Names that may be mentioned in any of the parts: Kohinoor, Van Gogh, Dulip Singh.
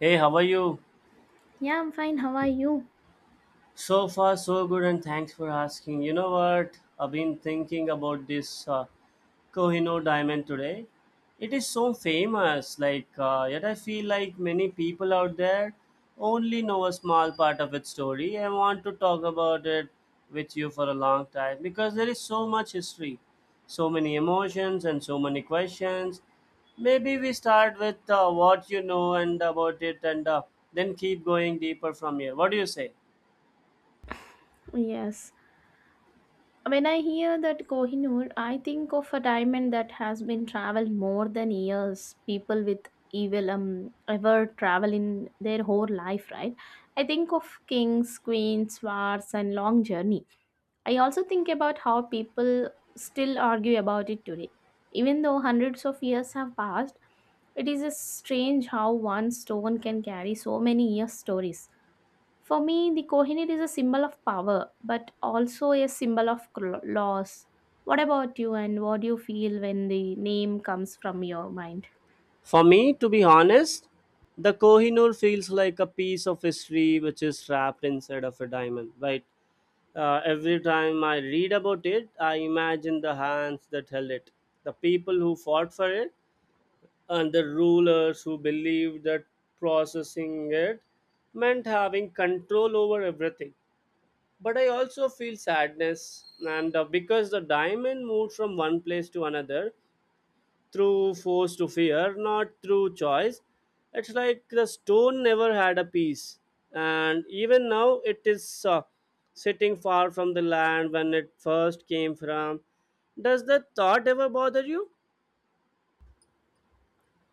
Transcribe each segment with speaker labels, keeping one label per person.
Speaker 1: Hey, how are you?
Speaker 2: Yeah, I'm fine. How are you?
Speaker 1: So far, so good, and thanks for asking. You know what? I've been thinking about this Kohinoor diamond today. It is so famous, yet I feel like many people out there only know a small part of its story. I want to talk about it with you for a long time because there is so much history, so many emotions, and so many questions. Maybe we start with what you know and about it and then keep going deeper from here. What do you say?
Speaker 2: Yes. When I hear that Kohinoor, I think of a diamond that has been traveled more than years. People with evil ever travel in their whole life, right? I think of kings, queens, wars, and long journey. I also think about how people still argue about it today, even though hundreds of years have passed. It is a strange how one stone can carry so many years stories. For me, the Kohinoor is a symbol of power, but also a symbol of loss. What about you, and what do you feel when the name comes from your mind?
Speaker 1: For me, to be honest, the Kohinoor feels like a piece of history which is wrapped inside of a diamond. Right? Every time I read about it, I imagine the hands that held it, the people who fought for it, and the rulers who believed that processing it meant having control over everything. But I also feel sadness, and because the diamond moved from one place to another, through force to fear, not through choice. It's like the stone never had a peace, and even now it is sitting far from the land when it first came from. Does that thought ever bother you?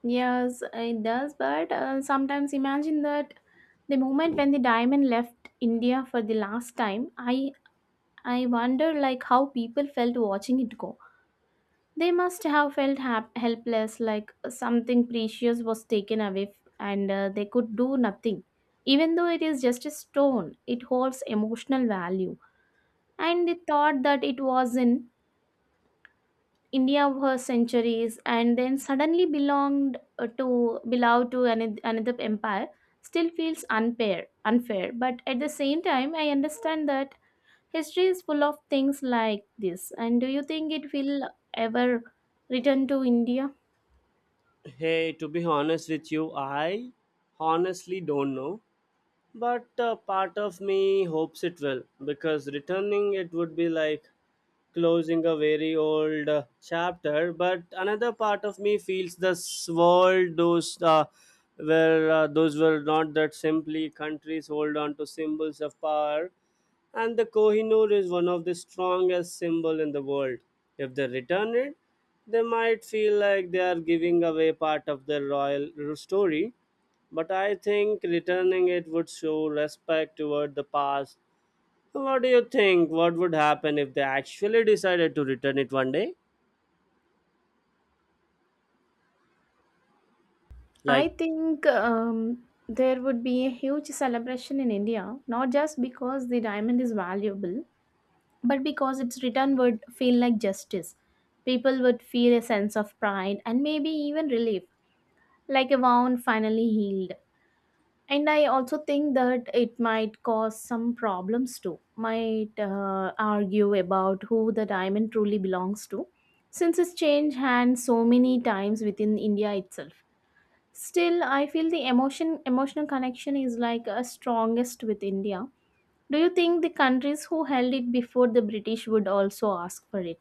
Speaker 2: Yes, it does, but sometimes imagine that the moment when the diamond left India for the last time, I wonder like how people felt watching it go. They must have felt helpless, like something precious was taken away and they could do nothing. Even though it is just a stone, it holds emotional value. And they thought that it was in India for centuries and then suddenly belonged belonged to another empire still feels unfair, unfair. But at the same time, I understand that history is full of things like this. And do you think it will ever return to India?
Speaker 1: Hey, to be honest with you, I honestly don't know. But part of me hopes it will, because returning it would be like closing a very old chapter, but another part of me feels this world those were not that simply countries hold on to symbols of power, and the Kohinoor is one of the strongest symbol in the world. If they return it, they might feel like they are giving away part of their royal story. But I think returning it would show respect toward the past. What do you think? What would happen if they actually decided to return it one day?
Speaker 2: I
Speaker 1: Like,
Speaker 2: think there would be a huge celebration in India, not just because the diamond is valuable, but because its return would feel like justice. People would feel a sense of pride and maybe even relief, like a wound finally healed. And I also think that it might cause some problems too, might argue about who the diamond truly belongs to, since it's changed hands so many times within India itself. Still, I feel the emotional connection is like a strongest with India. Do you think the countries who held it before the British would also ask for it?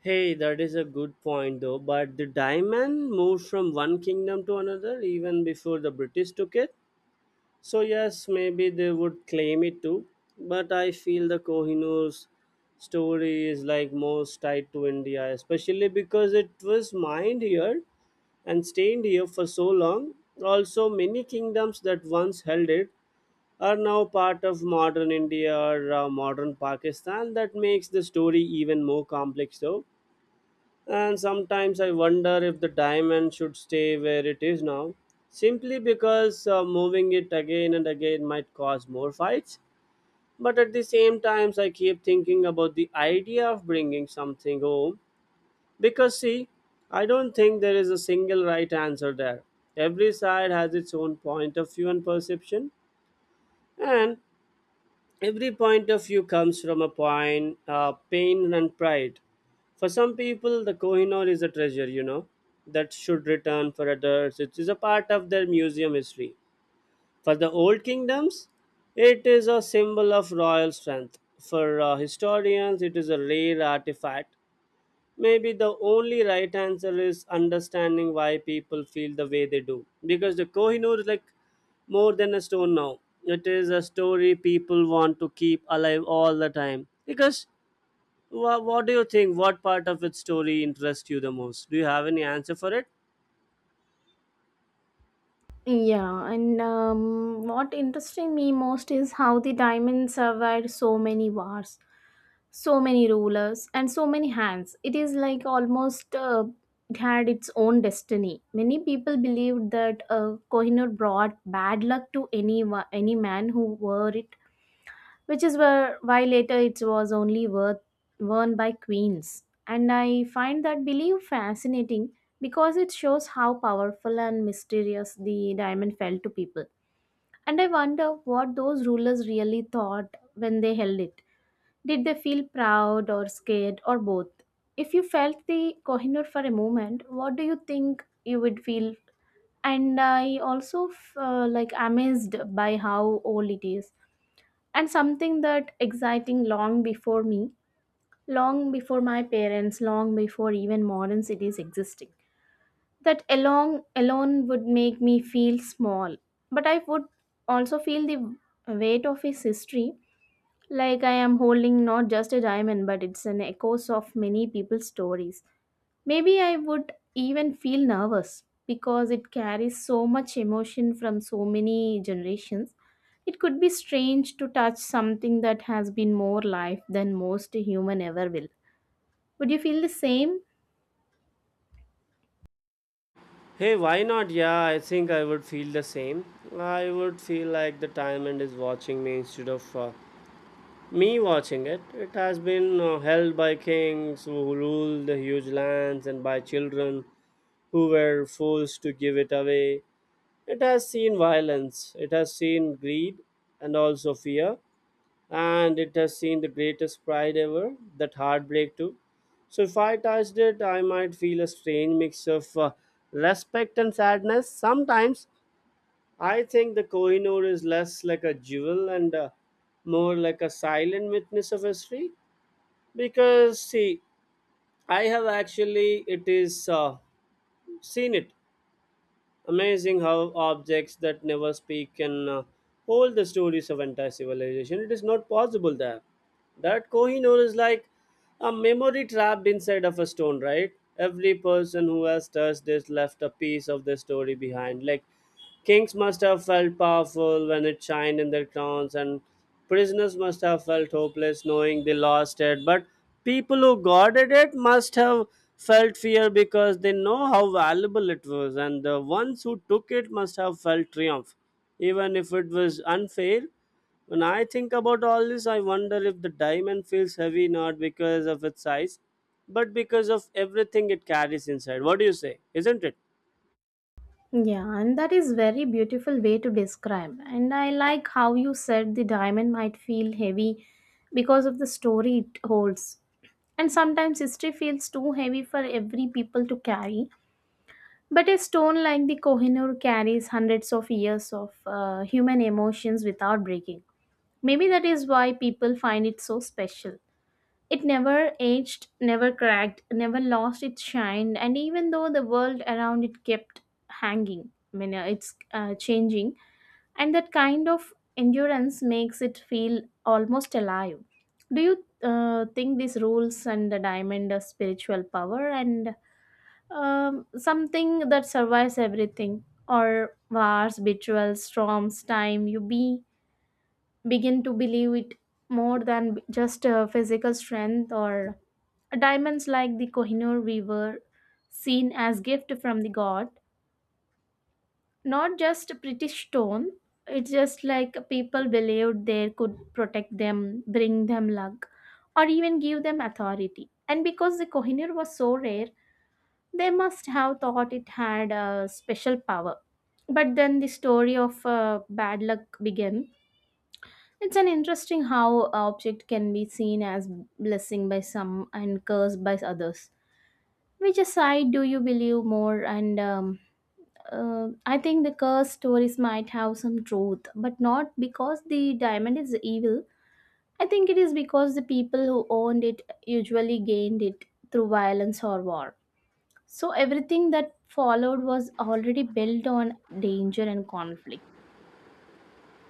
Speaker 1: hey, that is a good point though, but the diamond moved from one kingdom to another even before the British took it. So, yes, maybe they would claim it too, but I feel the Kohinoor's story is like most tied to India, especially because it was mined here and stayed here for so long. Also, many kingdoms that once held it are now part of modern India or modern Pakistan. That makes the story even more complex, though. And sometimes I wonder if the diamond should stay where it is now, simply because moving it again and again might cause more fights. But at the same times, I keep thinking about the idea of bringing something home because, see, I don't think there is a single right answer there. Every side has its own point of view and perception, and every point of view comes from a point pain and pride. For some people the Kohinoor is a treasure, you know, that should return. For others it is a part of their museum history. For the old kingdoms it is a symbol of royal strength. For historians it is a rare artifact. Maybe the only right answer is understanding why people feel the way they do. Because the Kohinoor is like more than a stone now. It is a story people want to keep alive all the time. Because what do you think? What part of its story interests you the most? Do you have any answer for it?
Speaker 2: Yeah, and what interesting me most is how the diamond survived so many wars, so many rulers, and so many hands. It is like almost it had its own destiny. Many people believed that Kohinoor brought bad luck to any man who wore it, which is why later it was only worn by queens. And I find that belief fascinating because it shows how powerful and mysterious the diamond felt to people. And I wonder what those rulers really thought when they held it. Did they feel proud or scared or both? If you felt the Kohinoor for a moment, what do you think you would feel? And I also like amazed by how old it is, and something that exciting long before me, long before my parents, long before even modern cities existing. That along Alone would make me feel small, but I would also feel the weight of his history, like I am holding not just a diamond but it's an echoes of many people's stories. Maybe I would even feel nervous because it carries so much emotion from so many generations. It could be strange to touch something that has been more life than most human ever will. Would you feel the same?
Speaker 1: Hey, why not? Yeah, I think I would feel the same. I would feel like the diamond is watching me instead of me watching it. It has been held by kings who ruled the huge lands and by children who were forced to give it away. It has seen violence, it has seen greed and also fear, and it has seen the greatest pride ever, that heartbreak too. So if I touched it, I might feel a strange mix of respect and sadness. Sometimes I think the Kohinoor is less like a jewel and more like a silent witness of history, because see, I have actually it is seen it. Amazing how objects that never speak can hold the stories of entire civilization. It is not possible there that Kohinoor is like a memory trapped inside of a stone, right? Every person who has touched this left a piece of the story behind. Like, kings must have felt powerful when it shined in their crowns, and prisoners must have felt hopeless knowing they lost it. But people who guarded it must have felt fear because they know how valuable it was, and the ones who took it must have felt triumph, even if it was unfair. When I think about all this, I wonder if the diamond feels heavy not because of its size, but because of everything it carries inside. What do you say? Isn't it?
Speaker 2: Yeah, and that is very beautiful way to describe. And I like how you said the diamond might feel heavy because of the story it holds. And sometimes history feels too heavy for every people to carry. But a stone like the Kohinoor carries hundreds of years of human emotions without breaking. Maybe that is why people find it so special. It never aged, never cracked, never lost its shine, and even though the world around it kept hanging, I mean, it's changing, and that kind of endurance makes it feel almost alive. Do you think these rules and the diamond a spiritual power, and something that survives everything, or wars, rituals, storms, time, you be begin to believe it more than just a physical strength? Or diamonds like the Kohinoor we were seen as gift from the god, not just a pretty stone. It's just like people believed they could protect them, bring them luck, or even give them authority. And because the Kohinoor was so rare, they must have thought it had a special power. But then the story of bad luck began. It's an interesting how a object can be seen as blessing by some and cursed by others. Which side do you believe more? And I think the curse stories might have some truth, but not because the diamond is evil. I think it is because the people who owned it usually gained it through violence or war. So everything that followed was already built on danger and conflict.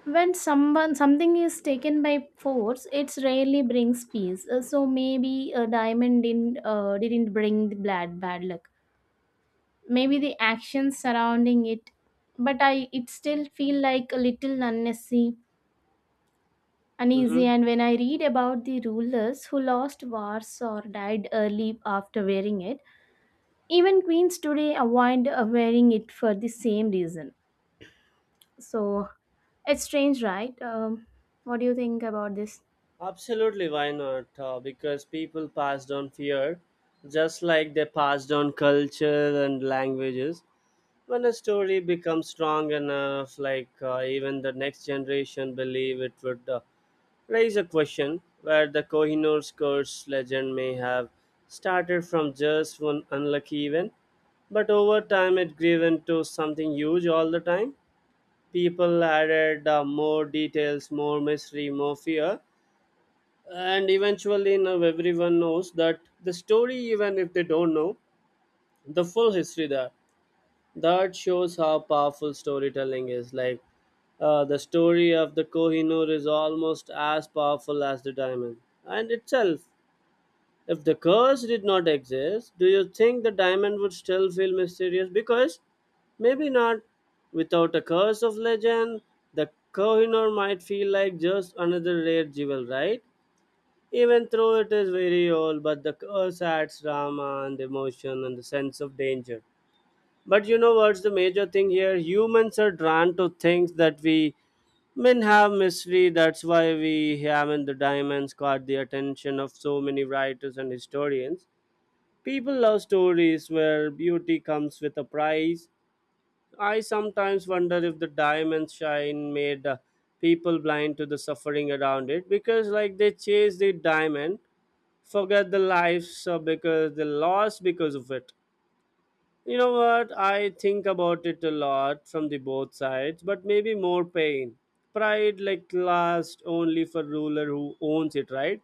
Speaker 2: When someone something is taken by force, it rarely brings peace. So maybe a diamond didn't bring the bad luck. Maybe the actions surrounding it, but I it still feel like a little unnecessary, uneasy.
Speaker 1: Mm-hmm.
Speaker 2: And when I read about the rulers who lost wars or died early after wearing it, even queens today avoid wearing it for the same reason. So it's strange, right? What do you think about this?
Speaker 1: Absolutely, why not? Because people passed on fear just like they passed on culture and languages. When a story becomes strong enough, even the next generation believe it would raise a question where the Kohinoor's curse legend may have started from just one unlucky event, but over time it grew into something huge all the time. People added more details, more mystery, more fear, and eventually now everyone knows that the story, even if they don't know the full history there. That shows how powerful storytelling is. Like, the story of the Kohinoor is almost as powerful as the diamond and itself. If the curse did not exist, do you think the diamond would still feel mysterious? Because maybe not. Without a curse of legend, the Kohinoor might feel like just another rare jewel, right? Even though it is very old, but the curse adds drama and emotion and the sense of danger. But you know what's the major thing here? Humans are drawn to things that we men have mystery. That's why we haven't the diamonds caught the attention of so many writers and historians. People love stories where beauty comes with a price. I sometimes wonder if the diamond shine made people blind to the suffering around it because, like, they chase the diamond, forget the lives because they lost because of it. You know what? I think about it a lot from the both sides, but maybe more pain. Pride like lasts only for ruler who owns it, right?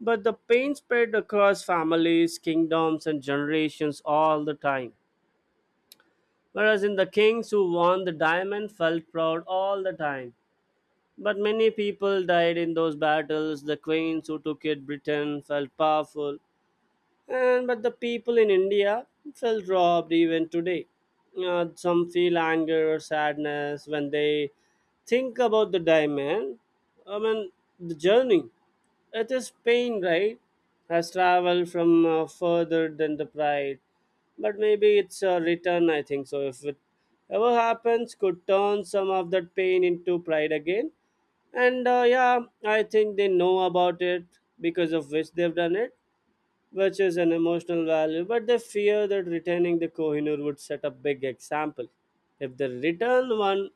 Speaker 1: But the pain spread across families, kingdoms, and generations all the time. Whereas in the kings who won the diamond felt proud all the time. But many people died in those battles. The queens who took it Britain felt powerful. And but the people in India feel robbed even today. Some feel anger or sadness when they think about the diamond. I mean, the journey. It is pain, right? Has traveled from further than the pride, but maybe it's a return. I think so. If it ever happens, could turn some of that pain into pride again. And yeah, I think they know about it because of which they've done it, which is an emotional value, but they fear that retaining the Kohinoor would set a big example. If they return one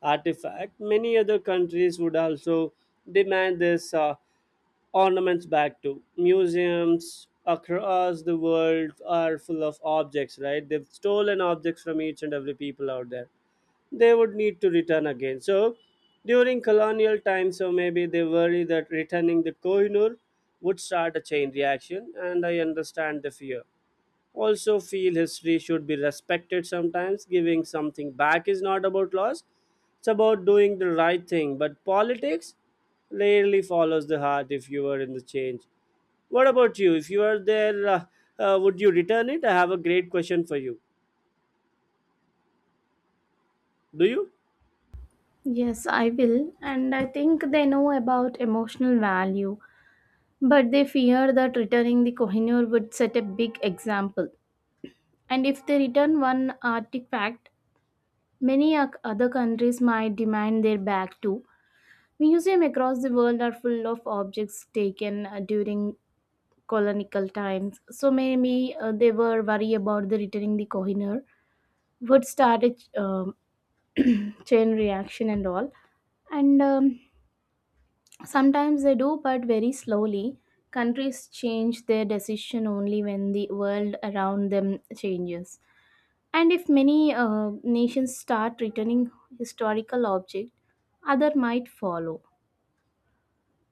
Speaker 1: artifact, many other countries would also demand this ornaments back. To museums across the world are full of objects, right? They've stolen objects from each and every people out there. They would need to return again. So during colonial time, so maybe they worry that returning the Kohinoor would start a chain reaction, and I understand the fear. Also, feel history should be respected sometimes. Giving something back is not about loss, it's about doing the right thing. But politics rarely follows the heart if you are in the change. What about you? If you are there, would you return it? I have a great question for you. Do you?
Speaker 2: Yes, I will. And I think they know about emotional value, but they fear that returning the Kohinoor would set a big example. And if they return one artifact, many other countries might demand their back too. Museums across the world are full of objects taken during colonial times. So maybe they were worried about the returning the Kohinoor would start a chain reaction and all. And sometimes they do, but very slowly. Countries change their decision only when the world around them changes, and if many nations start returning historical objects, other might follow.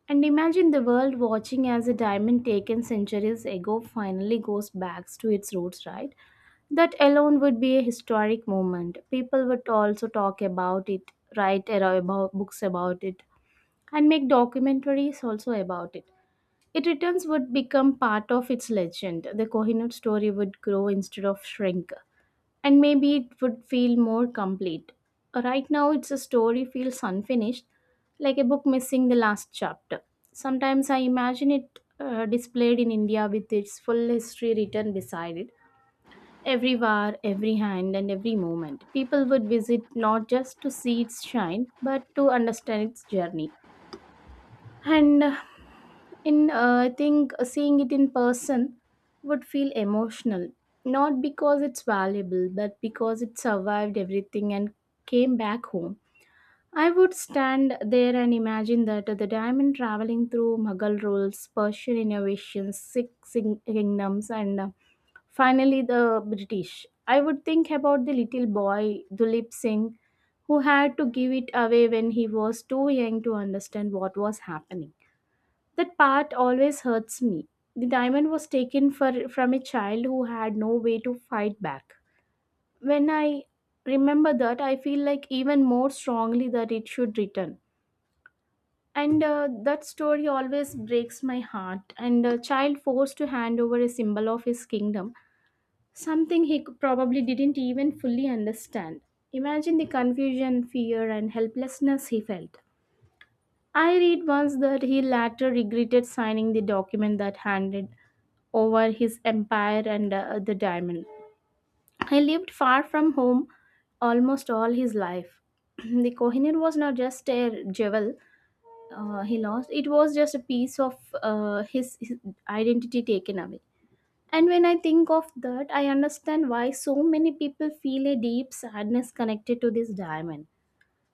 Speaker 2: And imagine the world watching as a diamond taken centuries ago finally goes back to its roots, right? That alone would be a historic moment. People would also talk about it, write about books about it, and make documentaries also about it. It returns would become part of its legend. The Kohinoor story would grow instead of shrink, and maybe it would feel more complete. Right now, it's a story feels unfinished, like a book missing the last chapter. Sometimes I imagine it displayed in India with its full history written beside it. Every war, every hand, and every moment. People would visit not just to see its shine, but to understand its journey. And uh, and I think seeing it in person would feel emotional, not because it's valuable, but because it survived everything and came back home. I would stand there and imagine that the diamond traveling through Mughal rules, Persian innovations, kingdoms, and finally the British. I would think about the little boy, Dulip Singh, who had to give it away when he was too young to understand what was happening. That part always hurts me. The diamond was taken for, from a child who had no way to fight back. When I remember that, I feel like even more strongly that it should return. And that story always breaks my heart. And a child forced to hand over a symbol of his kingdom, something he probably didn't even fully understand. Imagine the confusion, fear, and helplessness he felt. I read once that he later regretted signing the document that handed over his empire and the diamond. He lived far from home almost all his life. The Kohinoor was not just a jewel he lost, it was just a piece of his identity taken away. And when I think of that, I understand why so many people feel a deep sadness connected to this diamond.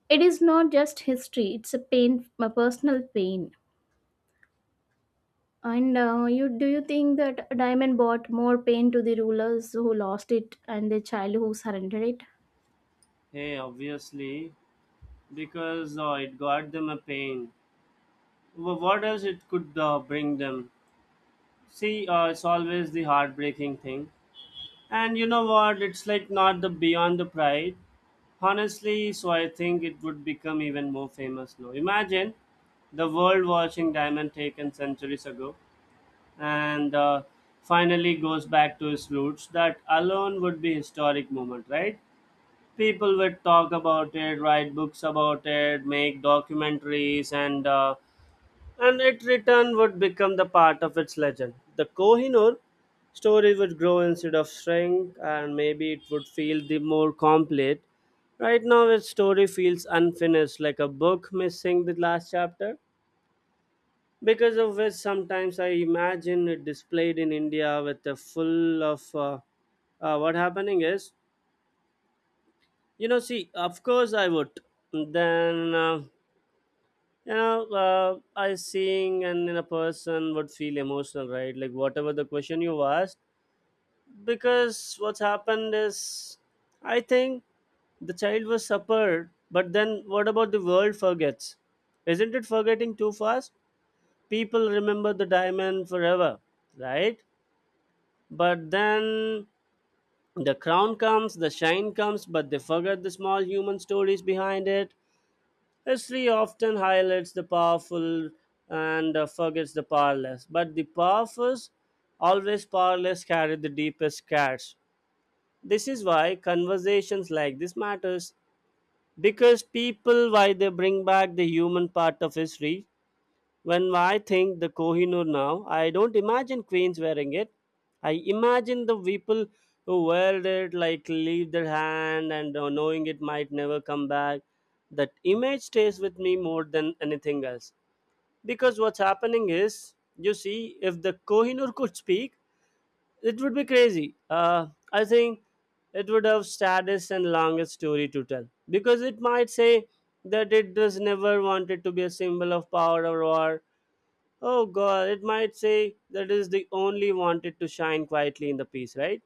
Speaker 2: It is not just history, it's a pain, a personal pain. And you do you think that diamond brought more pain to the rulers who lost it and the child who surrendered it?
Speaker 1: Hey, obviously, because it got them a pain. What else it could bring them? See, it's always the heartbreaking thing. And you know what? It's like not the beyond the pride. Honestly, so I think it would become even more famous now. Imagine the world watching Diamond taken centuries ago and finally goes back to its roots. That alone would be historic moment, right? People would talk about it, write books about it, make documentaries, and it return would become the part of its legend. The Kohinoor story would grow instead of shrink, and maybe it would feel the more complete. Right now its story feels unfinished, like a book missing the last chapter, because of which sometimes I imagine it displayed in India with a full of what happening is. You know, see, of course I would. Then, you know, I seeing and in a person would feel emotional, right? Like whatever the question you asked, because what's happened is, I think the child was suffered, but then what about the world forgets? Isn't it forgetting too fast? People remember the diamond forever, right? But then the crown comes, the shine comes, but they forget the small human stories behind it. History often highlights the powerful and forgets the powerless, but the powerful, always powerless, carry the deepest scars. This is why conversations like this matters, because people why they bring back the human part of history. When I think the Kohinoor now, I don't imagine queens wearing it. I imagine the people who wear it like leave their hand and knowing it might never come back. That image stays with me more than anything else. Because what's happening is, you see, if the Kohinoor could speak, it would be crazy. I think it would have saddest and longest story to tell. Because it might say that it does never wanted to be a symbol of power or war. Oh god, it might say that is the only wanted to shine quietly in the piece, right?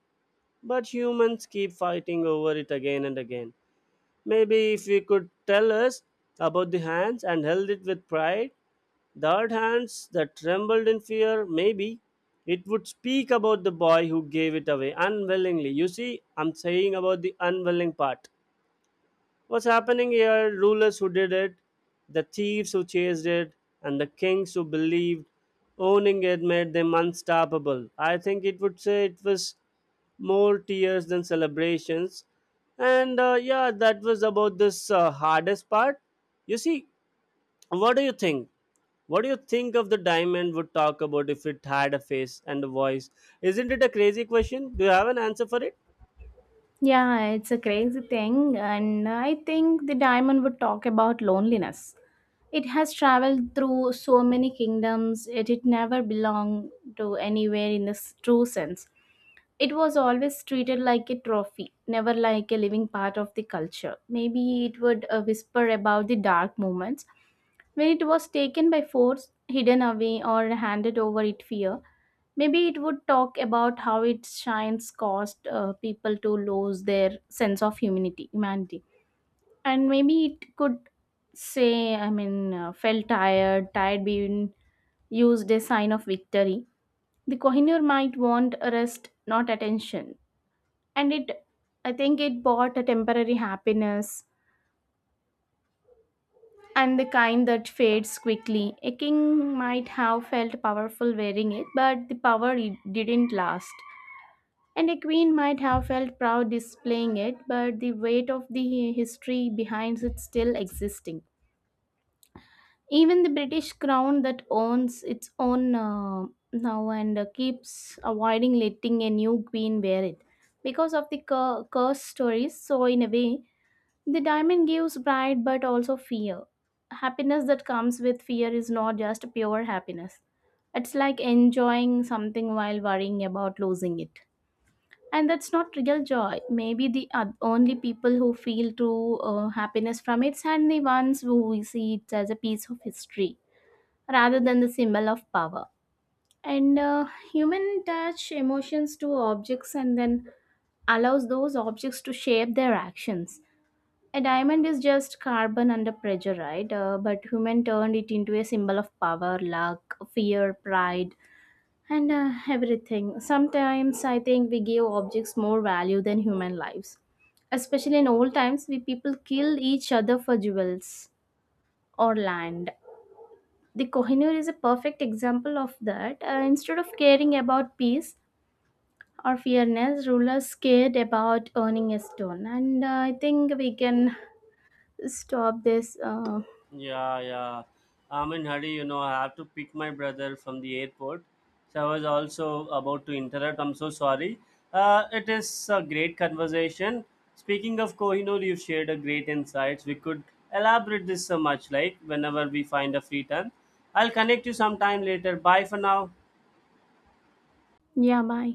Speaker 1: But humans keep fighting over it again and again. Maybe if you could tell us about the hands and held it with pride, the hard hands that trembled in fear, maybe it would speak about the boy who gave it away unwillingly. You see, I'm saying about the unwilling part. What's happening here? Rulers who did it, the thieves who chased it, and the kings who believed owning it made them unstoppable. I think it would say it was more tears than celebrations. And yeah, that was about this hardest part. You see, what do you think? What do you think of the diamond would talk about if it had a face and a voice? Isn't it a crazy question? Do you have an answer for it?
Speaker 2: Yeah, it's a crazy thing, and I think the diamond would talk about loneliness. It has traveled through so many kingdoms, yet it never belonged to anywhere in the true sense. It was always treated like a trophy, never like a living part of the culture. Maybe it would whisper about the dark moments when it was taken by force, hidden away, or handed over in fear. Maybe it would talk about how its shines caused people to lose their sense of humanity. And maybe it could say, felt tired, tired being used a sign of victory. The Kohinoor might want rest, not attention. And I think it bought a temporary happiness, and the kind that fades quickly. A king might have felt powerful wearing it, but the power it didn't last. And a queen might have felt proud displaying it, but the weight of the history behind it still existing. Even the British crown that owns its own now and keeps avoiding letting a new queen wear it because of the curse stories. So, in a way, the diamond gives pride but also fear. Happiness that comes with fear is not just pure happiness. It's like enjoying something while worrying about losing it. And that's not real joy. Maybe the only people who feel true happiness from it are the ones who we see it as a piece of history rather than the symbol of power. And human touch emotions to objects, and then allows those objects to shape their actions. A diamond is just carbon under pressure, right? But human turned it into a symbol of power, luck, fear, pride, and everything. Sometimes I think we give objects more value than human lives. Especially in old times, we people killed each other for jewels or land. The Kohinoor is a perfect example of that. Instead of caring about peace or fairness, rulers cared about earning a stone. And I think we can stop this.
Speaker 1: Yeah, yeah. I'm in hurry, you know, I have to pick my brother from the airport. So I was also about to interrupt. I'm so sorry. It is a great conversation. Speaking of Kohinoor, you've shared a great insights. We could elaborate this so much, like whenever we find a free time. I'll connect you sometime later. Bye for now.
Speaker 2: Niamey